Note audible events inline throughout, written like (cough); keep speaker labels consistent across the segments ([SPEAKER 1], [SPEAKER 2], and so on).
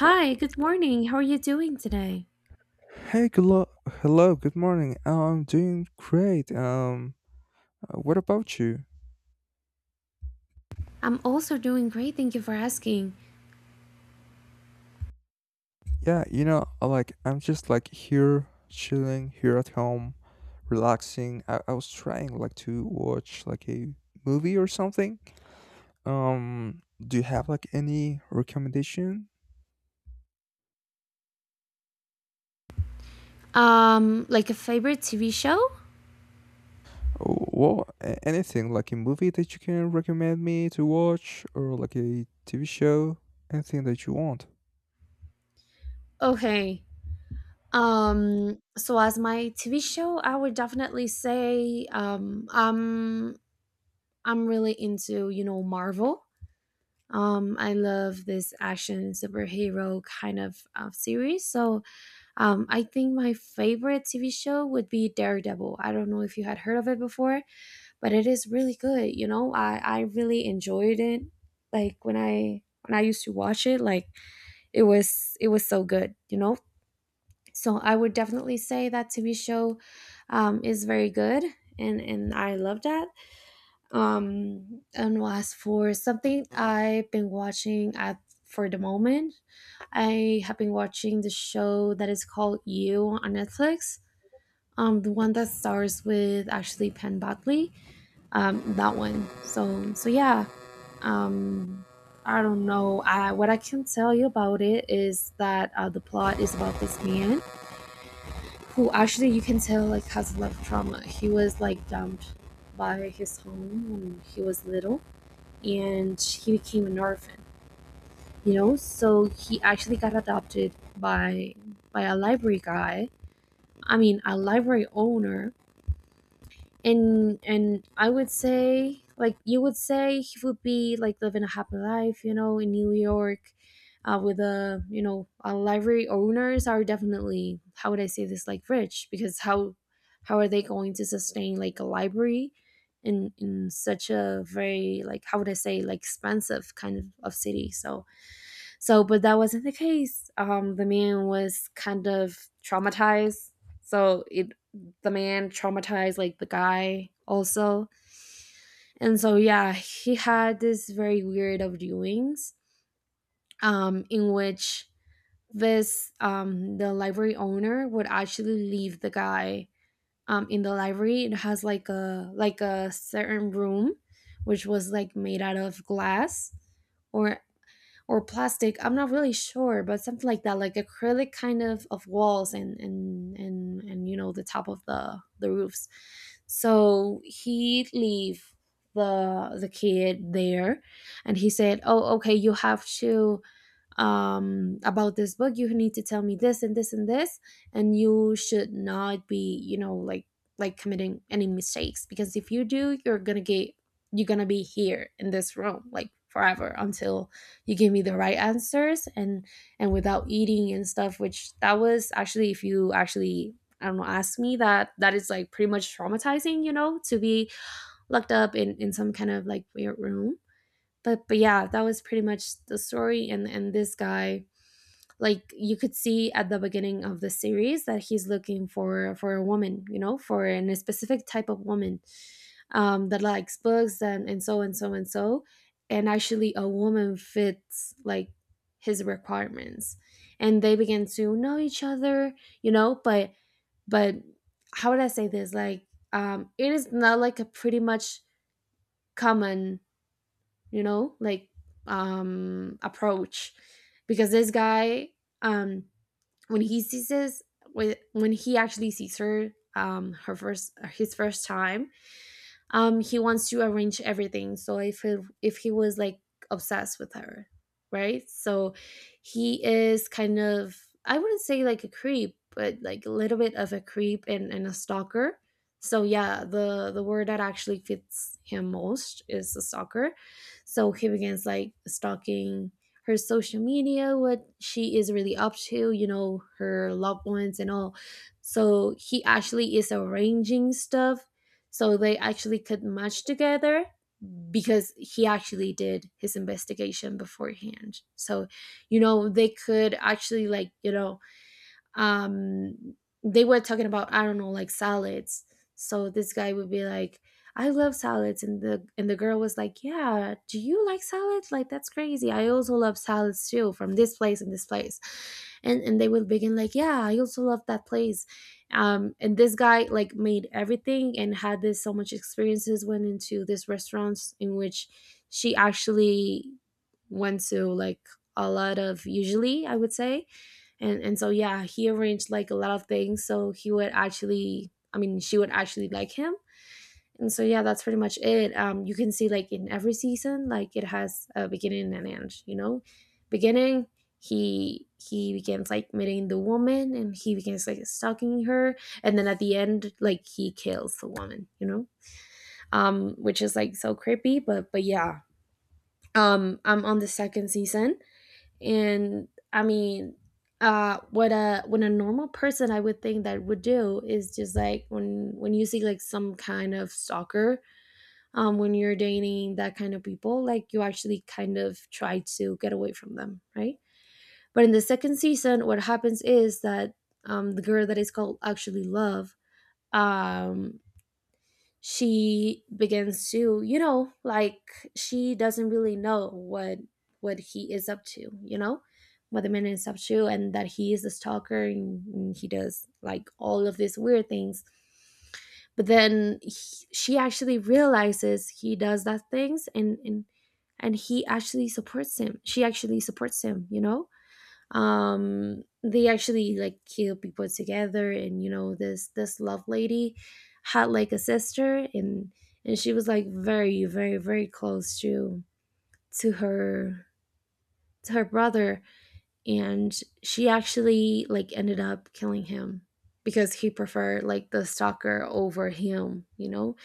[SPEAKER 1] Hi, good morning. How are you doing today?
[SPEAKER 2] Hey, good lo- Hello, good morning. I'm doing great. What about you?
[SPEAKER 1] I'm also doing great. Thank you for asking.
[SPEAKER 2] Yeah, like I'm just like here chilling here at home, relaxing. I was trying like to watch like a movie or something. Do you have like any recommendation?
[SPEAKER 1] Like a favorite TV show?
[SPEAKER 2] Oh, well, anything like a movie that you can recommend me to watch or like a TV show, anything that you want.
[SPEAKER 1] Okay. So as my TV show, I would definitely say I'm really into, you know, Marvel. I love this action superhero kind of series. So I think my favorite TV show would be Daredevil. I don't know if you had heard of it before, but it is really good. I really enjoyed it. like when i when I used to watch it, it was so good. So I would definitely say that TV show is very good, and I love that. Um and as for something I've been watching at for the moment, I have been watching the show that is called You on Netflix, the one that stars with Ashley penn Badley, that one. So yeah. Um, I don't know. What I can tell you about it is that the plot is about this man who actually, you can tell, like has a lot of trauma. He was like dumped by his home when he was little, and he became an orphan. You know, so he actually got adopted by a library guy. I mean, a library owner. And and i would say, like, you would say he would be like living a happy life, you know, in New York, with a you know a library owners are definitely, how would I say this, like rich, because how are they going to sustain like a library in such a very, like, how would I say, like expensive kind of city. So so, but that wasn't the case. The man was kind of traumatized. So it, the man traumatized like the guy also, and so yeah, he had this very weird of doings. In which this the library owner would actually leave the guy in the library. It has like a certain room which was like made out of glass, or or plastic, I'm not really sure, but something like that, like acrylic kind of walls and you know, the top of the roofs. So he'd leave the kid there, and he said, oh, okay, you have to, about this book. You need to tell me this and this and this, and you should not be, you know, like committing any mistakes, because if you do, you're gonna get, you're gonna be here in this room like forever until you give me the right answers, and without eating and stuff, which that was actually, if you actually, I don't know, ask me that, that is like pretty much traumatizing, you know, to be locked up in some kind of like weird room. But yeah, that was pretty much the story. And this guy, like, you could see at the beginning of the series that he's looking for a woman, you know, for a specific type of woman that likes books, and so and so and so. And actually a woman fits like his requirements, and they begin to know each other, you know. But how would I say this, like, it is not like a pretty much common, you know, like approach, because this guy, um when he sees this, when he actually sees her her first his first time, he wants to arrange everything. So if he was like obsessed with her, right? So he is kind of, I wouldn't say like a creep, but like a little bit of a creep, and a stalker. So yeah, the word that actually fits him most is a stalker. So he begins like stalking her social media, what she is really up to, you know, her loved ones and all. So he actually is arranging stuff, so they actually could match together, because he actually did his investigation beforehand. So, you know, they could actually, like, you know, um they were talking about, I don't know, like salads. So this guy would be like, I love salads. And the girl was like, yeah, do you like salads, like that's crazy, I also love salads too, from this place and this place. And they would begin like, yeah, I also love that place. And this guy like made everything and had this so much experiences, went into this restaurants in which she actually went to, like, a lot of usually, I would say. And so yeah, he arranged like a lot of things, so he would actually, I mean, she would actually like him. And so yeah, that's pretty much it. You can see like in every season, like it has a beginning and an end, you know. Beginning, he begins like meeting the woman, and he begins like stalking her, and then at the end, like he kills the woman, you know, which is like so creepy, but yeah. I'm on the second season, and I mean, what a, when a normal person, I would think that would do is just like, when you see like some kind of stalker, when you're dating that kind of people, like you actually kind of try to get away from them, right? But in the second season, what happens is that the girl that is called actually Love, um she begins to, you know, like, she doesn't really know what he is up to, you know, what the man is up to, and that he is a stalker, and he does like all of these weird things. But then he, she actually realizes he does that things, and he actually supports him, she actually supports him, you know. They actually like kill people together, and you know, this love lady had like a sister, and she was like very very very close to her, to her brother. And she actually like ended up killing him, because he preferred like the stalker over him, you know.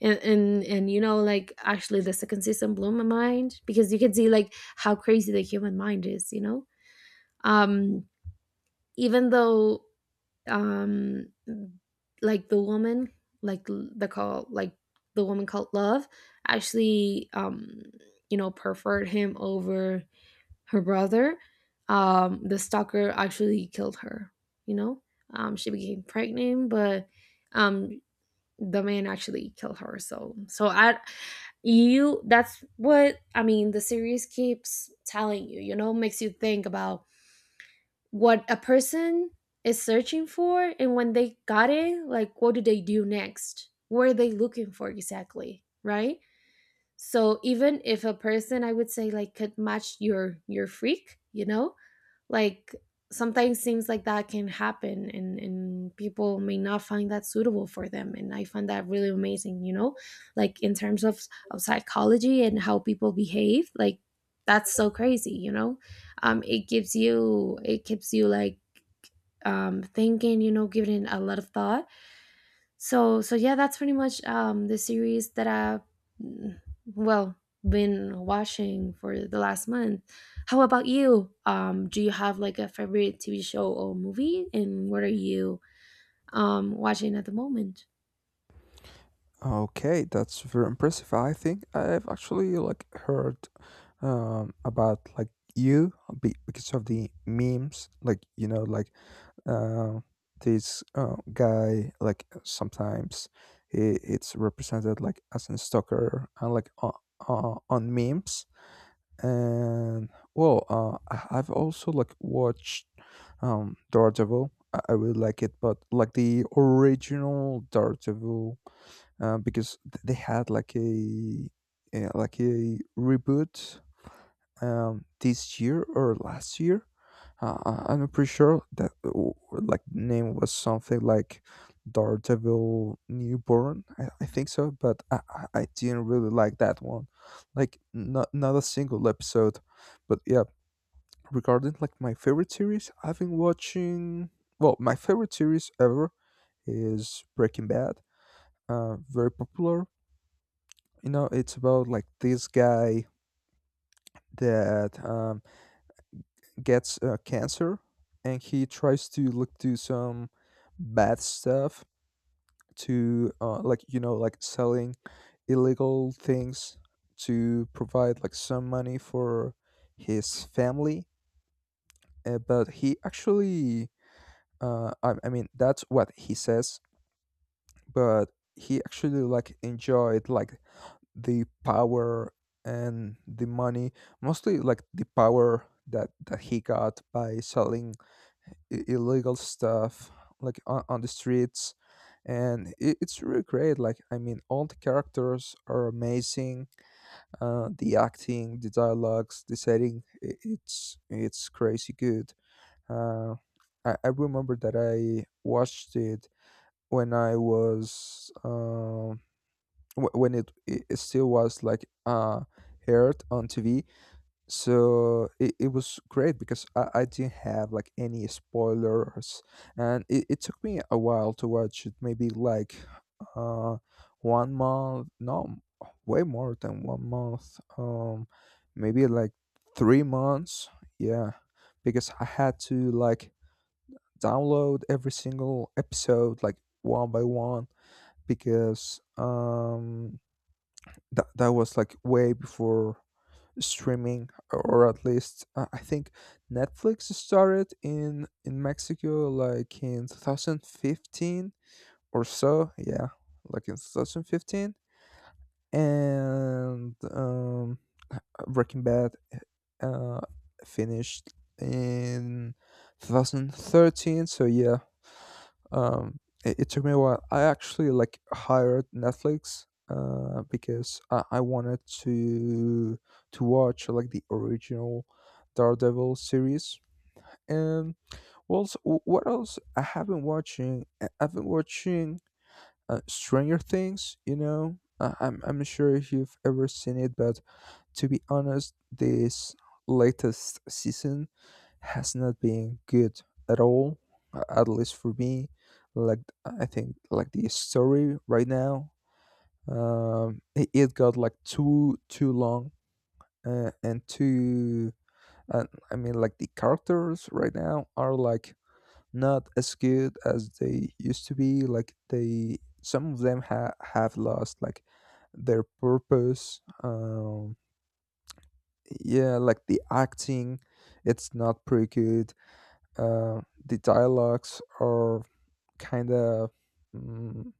[SPEAKER 1] And you know, like actually the second season blew my mind, because you can see like how crazy the human mind is, you know. um Even though, um like the woman, like the call like the woman called Love actually, you know, preferred him over her brother, the stalker actually killed her, you know. She became pregnant, but um the man actually killed her. So so I, you, that's what I mean, the series keeps telling you, you know, makes you think about what a person is searching for, and when they got it, like what do they do next, what are they looking for exactly, right? So even if a person, I would say, like could match your freak, you know, like sometimes things like that can happen, and people may not find that suitable for them. And I find that really amazing, you know, like in terms of psychology and how people behave, like that's so crazy, you know. It gives you, it keeps you like thinking, you know, giving it a lot of thought. So yeah, that's pretty much the series that I've, mm, well, been watching for the last month. How about you? Do you have like a favorite TV show or movie, and what are you watching at the moment?
[SPEAKER 2] Okay, that's very impressive. I think I've actually like heard about like You, because of the memes, like uh, this guy like sometimes it's represented like as a stalker and like on memes. And well, I've also like watched Daredevil. I really like it, but like the original Daredevil because they had like a reboot this year or last year. I'm not pretty sure that like the name was something like Daredevil Newborn. I think so, but I didn't really like that one. Like not a single episode. But yeah, regarding like my favorite series, I've been watching. Well, my favorite series ever is Breaking Bad. Very popular, you know it's about like this guy that gets cancer and he tries to look to some bad stuff to like you know like selling illegal things to provide like some money for his family but he actually uh, I mean that's what he says but he actually like enjoyed like the power and the money, mostly like the power that he got by selling illegal stuff like on the streets and it's really great like I mean all the characters are amazing the acting the dialogues the setting it's crazy good uh I remember that I watched it when I was um, when it it still was like aired on TV. So it was great because I didn't have like any spoilers and it took me a while to watch it, maybe like uh 1 month. No, way more than 1 month. Um, maybe like 3 months, yeah. Because I had to like download every single episode like one by one because that was like way before streaming, or at least I think Netflix started in Mexico like in 2015 or so, yeah, like in 2015. And Breaking Bad uh finished in 2013, so yeah. Um, it took me a while. I actually like hired Netflix because I wanted to watch like the original Daredevil series. And what else? What else I have been watching? I've been watching Stranger Things, you know. Uh, I'm not sure if you've ever seen it, but to be honest, this latest season has not been good at all, at least for me. Like I think like the story right now, it got like too long and too. Uh, I mean, like the characters right now are like not as good as they used to be. Like they, some of them have lost like their purpose. Yeah like the acting it's not pretty good the dialogues are kind of mm,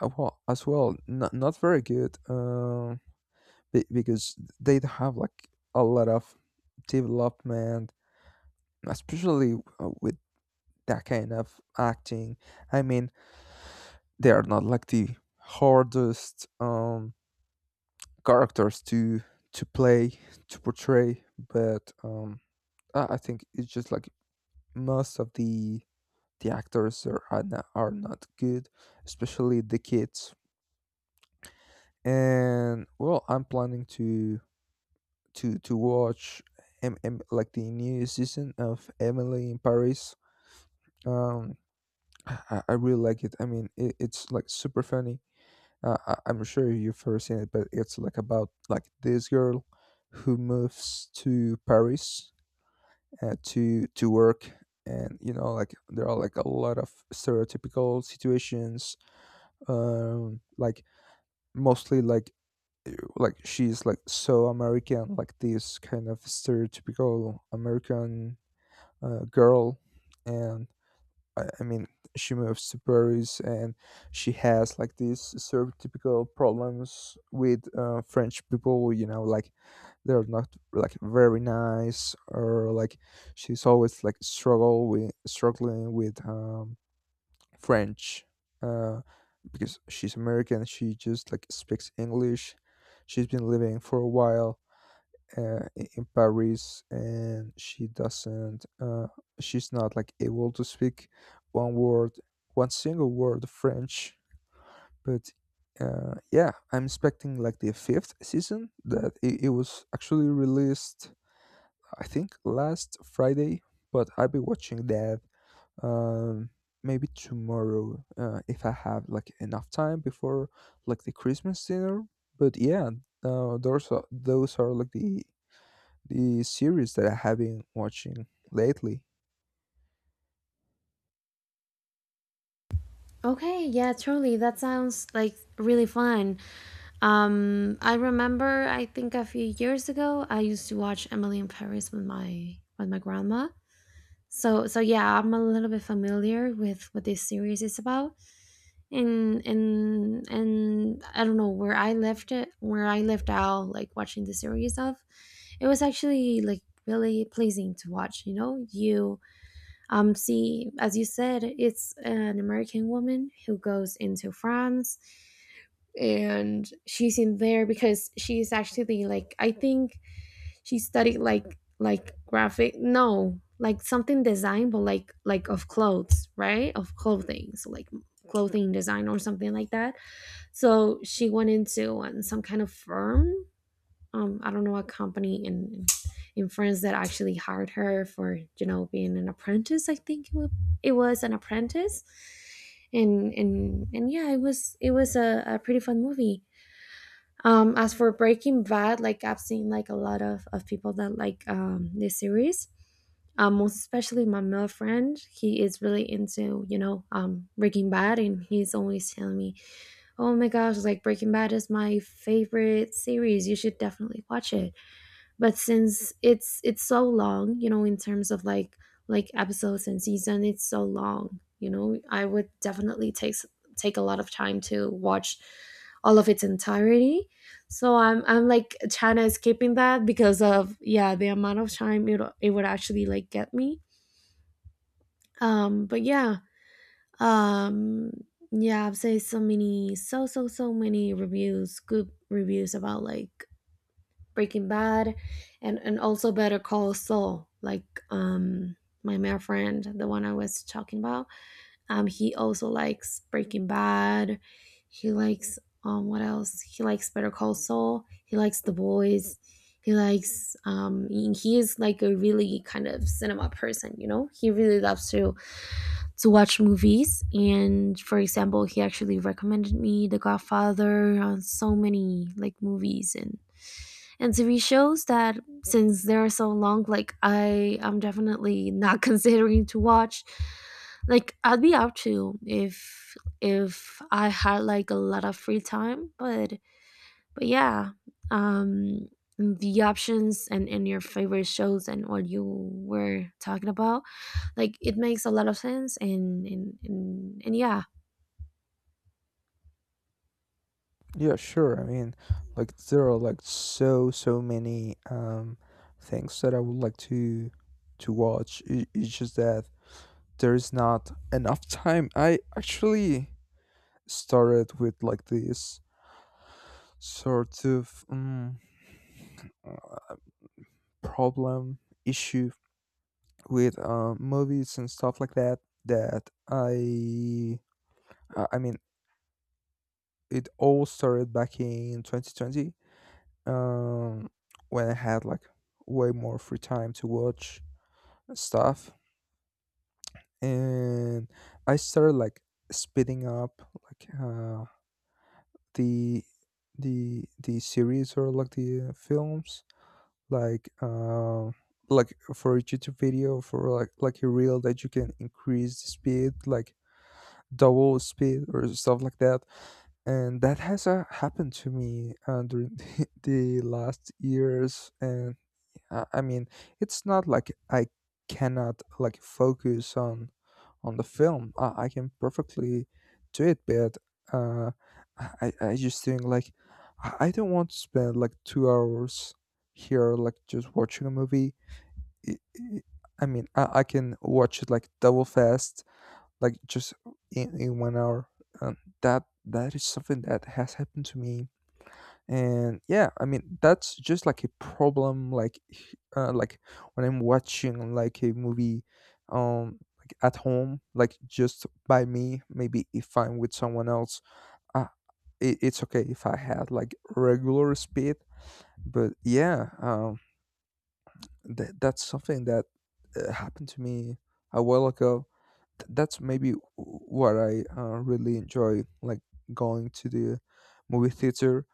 [SPEAKER 2] well as well not very good because they don't have like a lot of development, especially with that kind of acting. I mean they are not like the hardest characters to play to portray. But I think it's just like most of the actors are are not good, especially the kids. And well, I'm planning to to watch like the new season of Emily in Paris. Um, I really like it. I mean, it's like super funny. I, I'm sure you've ever seen it, but it's like about like this girl who moves to Paris to work. And you know like there are like a lot of stereotypical situations like mostly like she's like so American, like this kind of stereotypical American girl. And I mean she moves to Paris and she has like these stereotypical problems with French people, you know, like they're not like very nice, or like she's always like struggle with struggling with French uh, because she's American. She just like speaks English. She's been living for a while in Paris, and she doesn't. She's not like able to speak one word, one single word of French. But yeah, I'm expecting like the fifth season that it was actually released. I think last Friday, but I've been watching that um maybe tomorrow if I have like enough time before like the Christmas dinner. But yeah, those are like the series that I have been watching lately.
[SPEAKER 1] Okay, yeah, truly. That sounds like really fun. I remember, I think a few years ago, I used to watch Emily in Paris with my grandma. So yeah, I'm a little bit familiar with what this series is about, and I don't know where I left it, where I left out like watching the series of. It was actually like really pleasing to watch. You know, you see, as you said, it's an American woman who goes into France, and she's in there because she's actually like, I think she studied like graphic, no, like something design, but like of clothes, right, of clothing, so like clothing design or something like that. So she went into some kind of firm, I don't know, a company in France that actually hired her for, you know, being an apprentice, I think it was an apprentice. And yeah, it was a pretty fun movie. As for Breaking Bad, like I've seen like a lot of people that like this series. Most especially my male friend, he is really into Breaking Bad, and he's always telling me, "Oh my gosh, like Breaking Bad is my favorite series. You should definitely watch it." But since it's so long, you know, in terms of like episodes and season, it's so long, you know, I would definitely take a lot of time to watch all of its entirety. So I'm like china is skipping that because of, yeah, the amount of time it would actually like get me. But yeah. um yeah, I've seen so many, so many reviews, good reviews about like Breaking Bad, and also Better Call Saul. Like um, my male friend, the one I was talking about, he also likes Breaking Bad. He likes what else? He likes Better Call Saul. He likes The Boys. He likes he is like a really kind of cinema person. You know, he really loves to watch movies. And for example, he actually recommended me The Godfather on so many like movies and TV shows that since they're so long, like I am definitely not (laughs) considering to watch. Like I'd be up to if I had like a lot of free time, but yeah, um, the options and your favorite shows and what you were talking about, like it makes a lot of sense and yeah.
[SPEAKER 2] Yeah, sure, I mean like there are like so many things that I would like to watch. It's just that there's not enough (laughs) time. I actually started with like this sort of problem issue with movies and stuff like that, that I mean it all started back in 2020. Um, when I had like way more free time to watch stuff, and I started like speeding up like the the the series or like the films like uh, like for a YouTube video, for like a reel that you can increase the speed like double speed or stuff like that. And that has happened to me during (laughs) the last years. And I mean it's not like I cannot like focus on the film. I can perfectly do it, but uh, I just think like I don't want to spend like 2 hours here like just watching a movie. i- i- I mean, I can watch it like double fast, like just in 1 hour. Um, that is something that has happened to me. And yeah, I mean that's just like a problem. Like, like when I'm watching like a movie, like at home, like just by me. Maybe if I'm with someone else, uh, it's okay if I had like regular speed. But yeah, that's something that happened to me a while ago. That's maybe what I really enjoy, like going to the movie theater,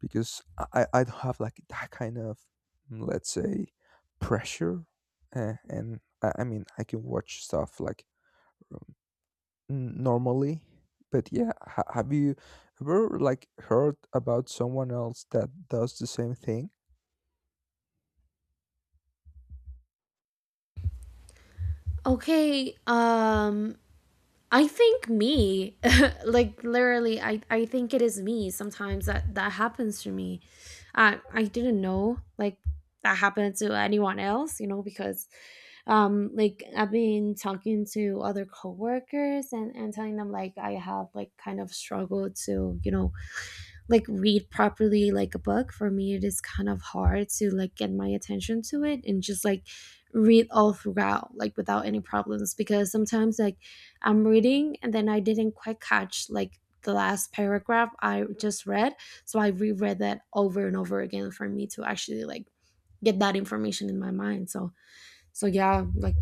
[SPEAKER 2] because I don't have like that kind of mm, let's say pressure, and I mean I can watch stuff like um, normally. But yeah, have you ever like heard about someone else that does the same thing?
[SPEAKER 1] Okay, I think me, (laughs) like literally, I think it is me. Sometimes that happens to me. I didn't know like that happened to anyone else, you know, because like I've been talking to other coworkers and telling them like I have like kind of struggled to, you know, like read properly like a book. For me it is kind of hard to like get my attention to it and just like read all throughout like without any problems, because sometimes like I'm reading and then I didn't quite catch like the last paragraph I just read, so I reread that over and over again for me to actually like get that information in my mind. So yeah, like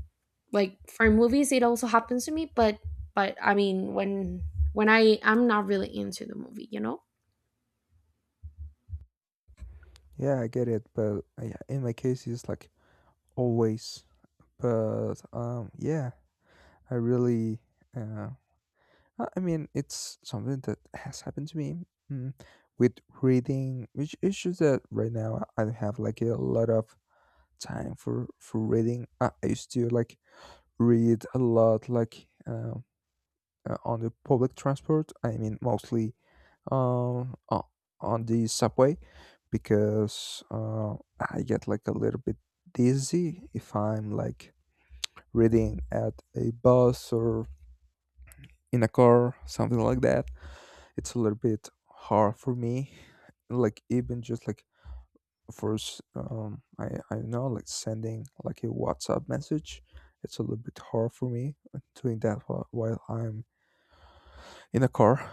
[SPEAKER 1] for movies it also happens to me, but I mean when I'm not really into the movie, you know.
[SPEAKER 2] Yeah, I get it, but yeah, in my case, it's like always. But yeah, I really, uh, I mean, it's something that has happened to me mm, with reading, which is just that right now I don't have like a lot of time for reading. I used to like read a lot, like on the public transport. I mean, mostly um o- on the subway because I get like a little bit dizzy if I'm like reading at a bus or in a car, something like that, it's a little bit hard for me. Like even just like first, I don't know like sending like a WhatsApp message, it's a little bit hard for me doing that while I'm in a car.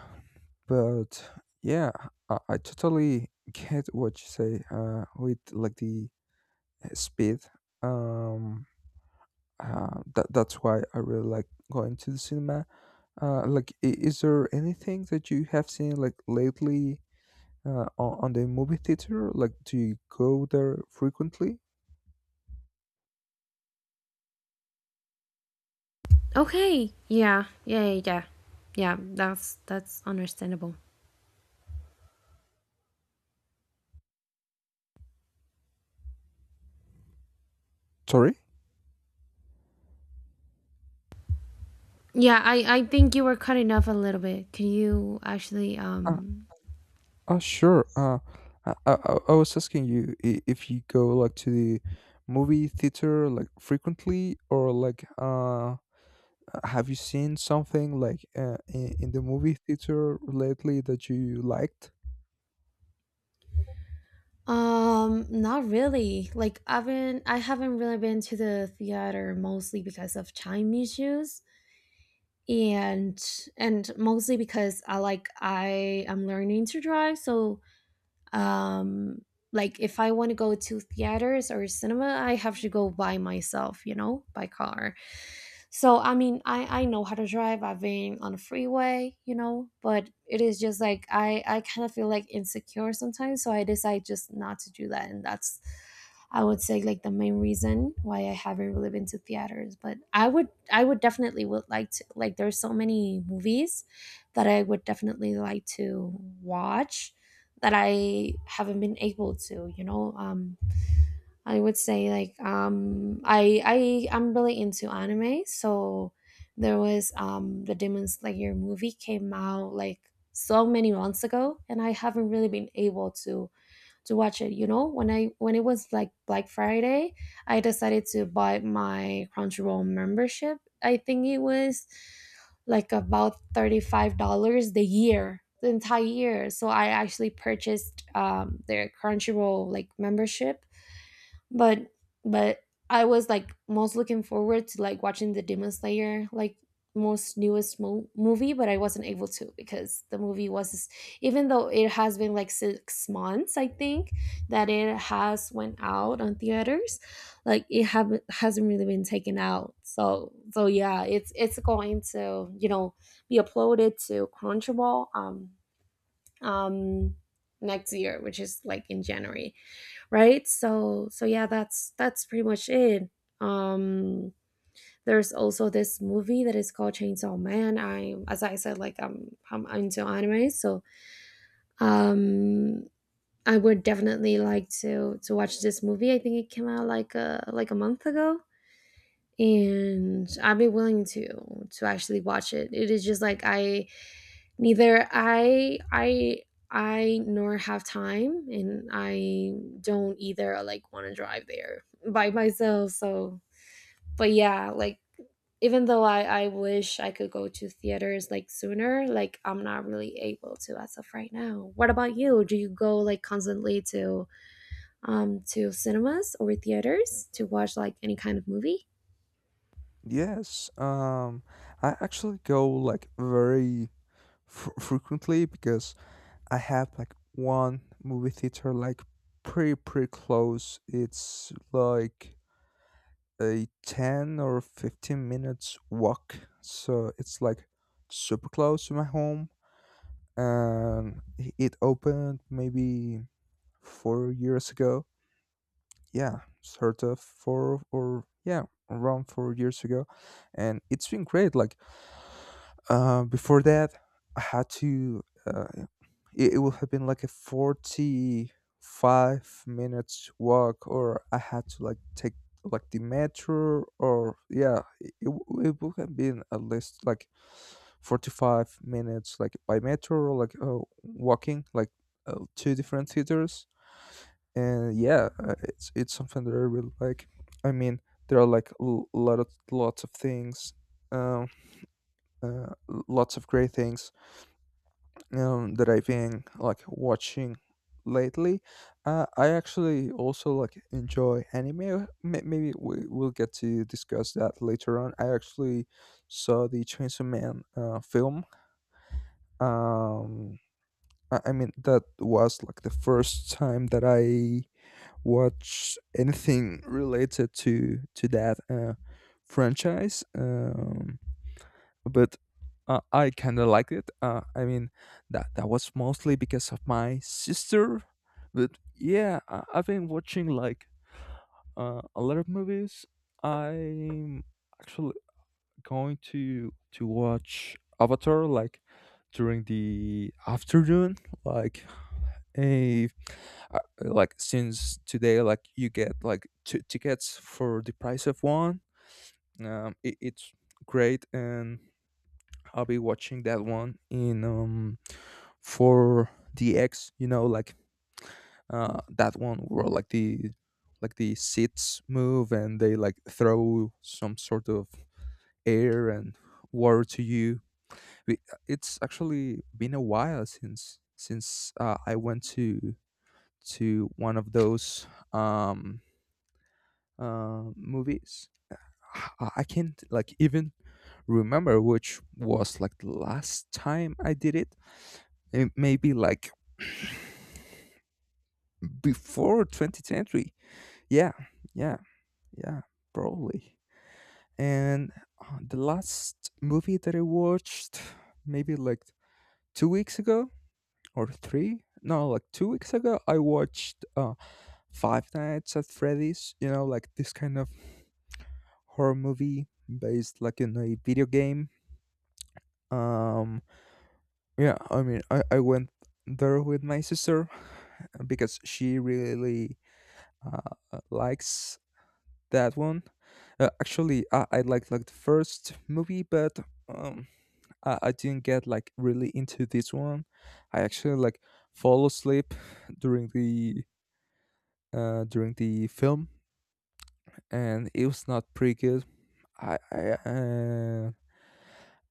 [SPEAKER 2] But yeah, I totally get what you say. With like the speed, um, that that's why I really like going to the cinema. Like, is there anything that you have seen like lately on the movie theater? Like, do you go there frequently?
[SPEAKER 1] Okay. Yeah. Yeah. Yeah. Yeah. Yeah, that's understandable.
[SPEAKER 2] Sorry?
[SPEAKER 1] Yeah. I think you were cutting off a little bit. Can you actually
[SPEAKER 2] Uh, uh, sure. I I was asking you if you go like to the movie theater like frequently, or like have you seen something like in the movie theater lately that you liked?
[SPEAKER 1] not really. Like I've been I haven't really been to the theater, mostly because of time issues, and mostly because I am learning to drive. So um like if I want to go to theaters or cinema I have to go by myself, you know, by car. So I mean I know how to drive, I've been on a freeway, you know, but it is just like I kind of feel like insecure sometimes, so I decide just not to do that. And that's I would say like the main reason why I haven't really been to theaters. But I would definitely would like to. Like there's so many movies that I would definitely like to watch that I haven't been able to, you know. I would say like I'm really into anime, so there was the Demon Slayer movie came out like so many months ago, and I haven't really been able to watch it. You know, when I when it was like Black Friday, I decided to buy my Crunchyroll membership. I think it was like about $35 the year, the entire year. So I actually purchased their Crunchyroll like membership, but but I was like most looking forward to like watching the Demon Slayer like most newest movie, but I wasn't able to because the movie was, even though it has been like 6 months, I think, that it has went out on theaters, like it haven't hasn't really been taken out. So yeah, it's going to, you know, be uploaded to Crunchyroll um next year, which is like in January, right? So yeah, that's pretty much it. Um there's also this movie that is called Chainsaw Man. I, as I said, like I'm into anime, so um I would definitely like to watch this movie. I think it came out like a month ago, and I'd be willing to actually watch it. It is just like Neither I I I nor have time and I don't either like want to drive there by myself. So, but yeah, like even though I wish I could go to theaters like sooner, like I'm not really able to as of right now. What about you? Do you go like constantly to cinemas or theaters to watch like any kind of movie?
[SPEAKER 2] Yes, I actually go like very fr frequently because I have like one movie theater like pretty close. It's like a 10 or 15 minutes walk. So it's like super close to my home. And it opened maybe 4 years ago. Yeah, sort of 4, or yeah, around 4 years ago. And it's been great like uh, before that, I had to. It would have been like a 45 minutes walk, or I had to like take like the metro, or yeah, it would have been at least like 45 minutes, like by metro, or like walking, like two different theaters. And yeah, it's something that I really like. I mean, there are like a lot of lots of things. Um, uh, lots of great things that I've been like watching lately. I actually also like enjoy anime. Maybe we will get to discuss that later on. I actually saw the Chainsaw Man film. Um, I mean that was like the first time that I watched anything related to that franchise. But I kind of liked it. I mean, that was mostly because of my sister. But yeah, I've been watching like a lot of movies. I'm actually going to watch Avatar like during the afternoon, like a like since today, like you get like two tickets for the price of one. It's great. And I'll be watching that one in for DX, you know, like that one where like the seats move and they like throw some sort of air and water to you. We- It's actually been a while since I went to one of those um movies. I can't like even remember which was like the last time I did it. It maybe like (sighs) (clears throat) before 20th century. Yeah, yeah, yeah, probably. And the last movie that I watched, maybe like 2 weeks ago or three, no, like 2 weeks ago, I watched Five Nights at Freddy's. You know, like this kind of horror movie based like in a video game. Um, Yeah, I mean, I went there with my sister because she really uh, likes that one. Actually, I liked like the first movie, but um, I didn't get like really into this one. I actually like fall asleep during the during the film, and it was not pretty good. I uh,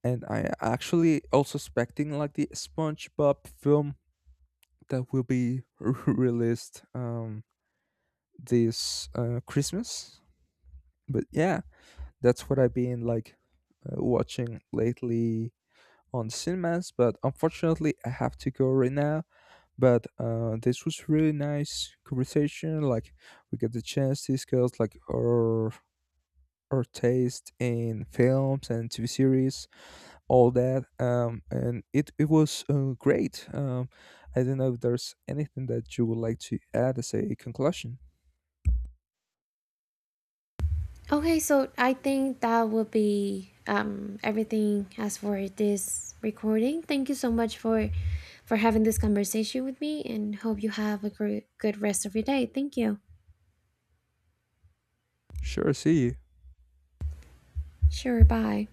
[SPEAKER 2] and I actually also expecting like the SpongeBob film that will be (laughs) released this Christmas. But yeah, that's what I've been like watching lately on cinemas. But unfortunately, I have to go right now. But this was really nice conversation. Like we get the chance to discuss like our taste in films and TV series, all that. And it was great. I don't know if there's anything that you would like to add as a conclusion.
[SPEAKER 1] Okay, so I think that will be everything as for this recording. Thank you so much for having this conversation with me, and hope you have a great, good rest of your day. Thank you.
[SPEAKER 2] Sure, see you.
[SPEAKER 1] Sure, bye.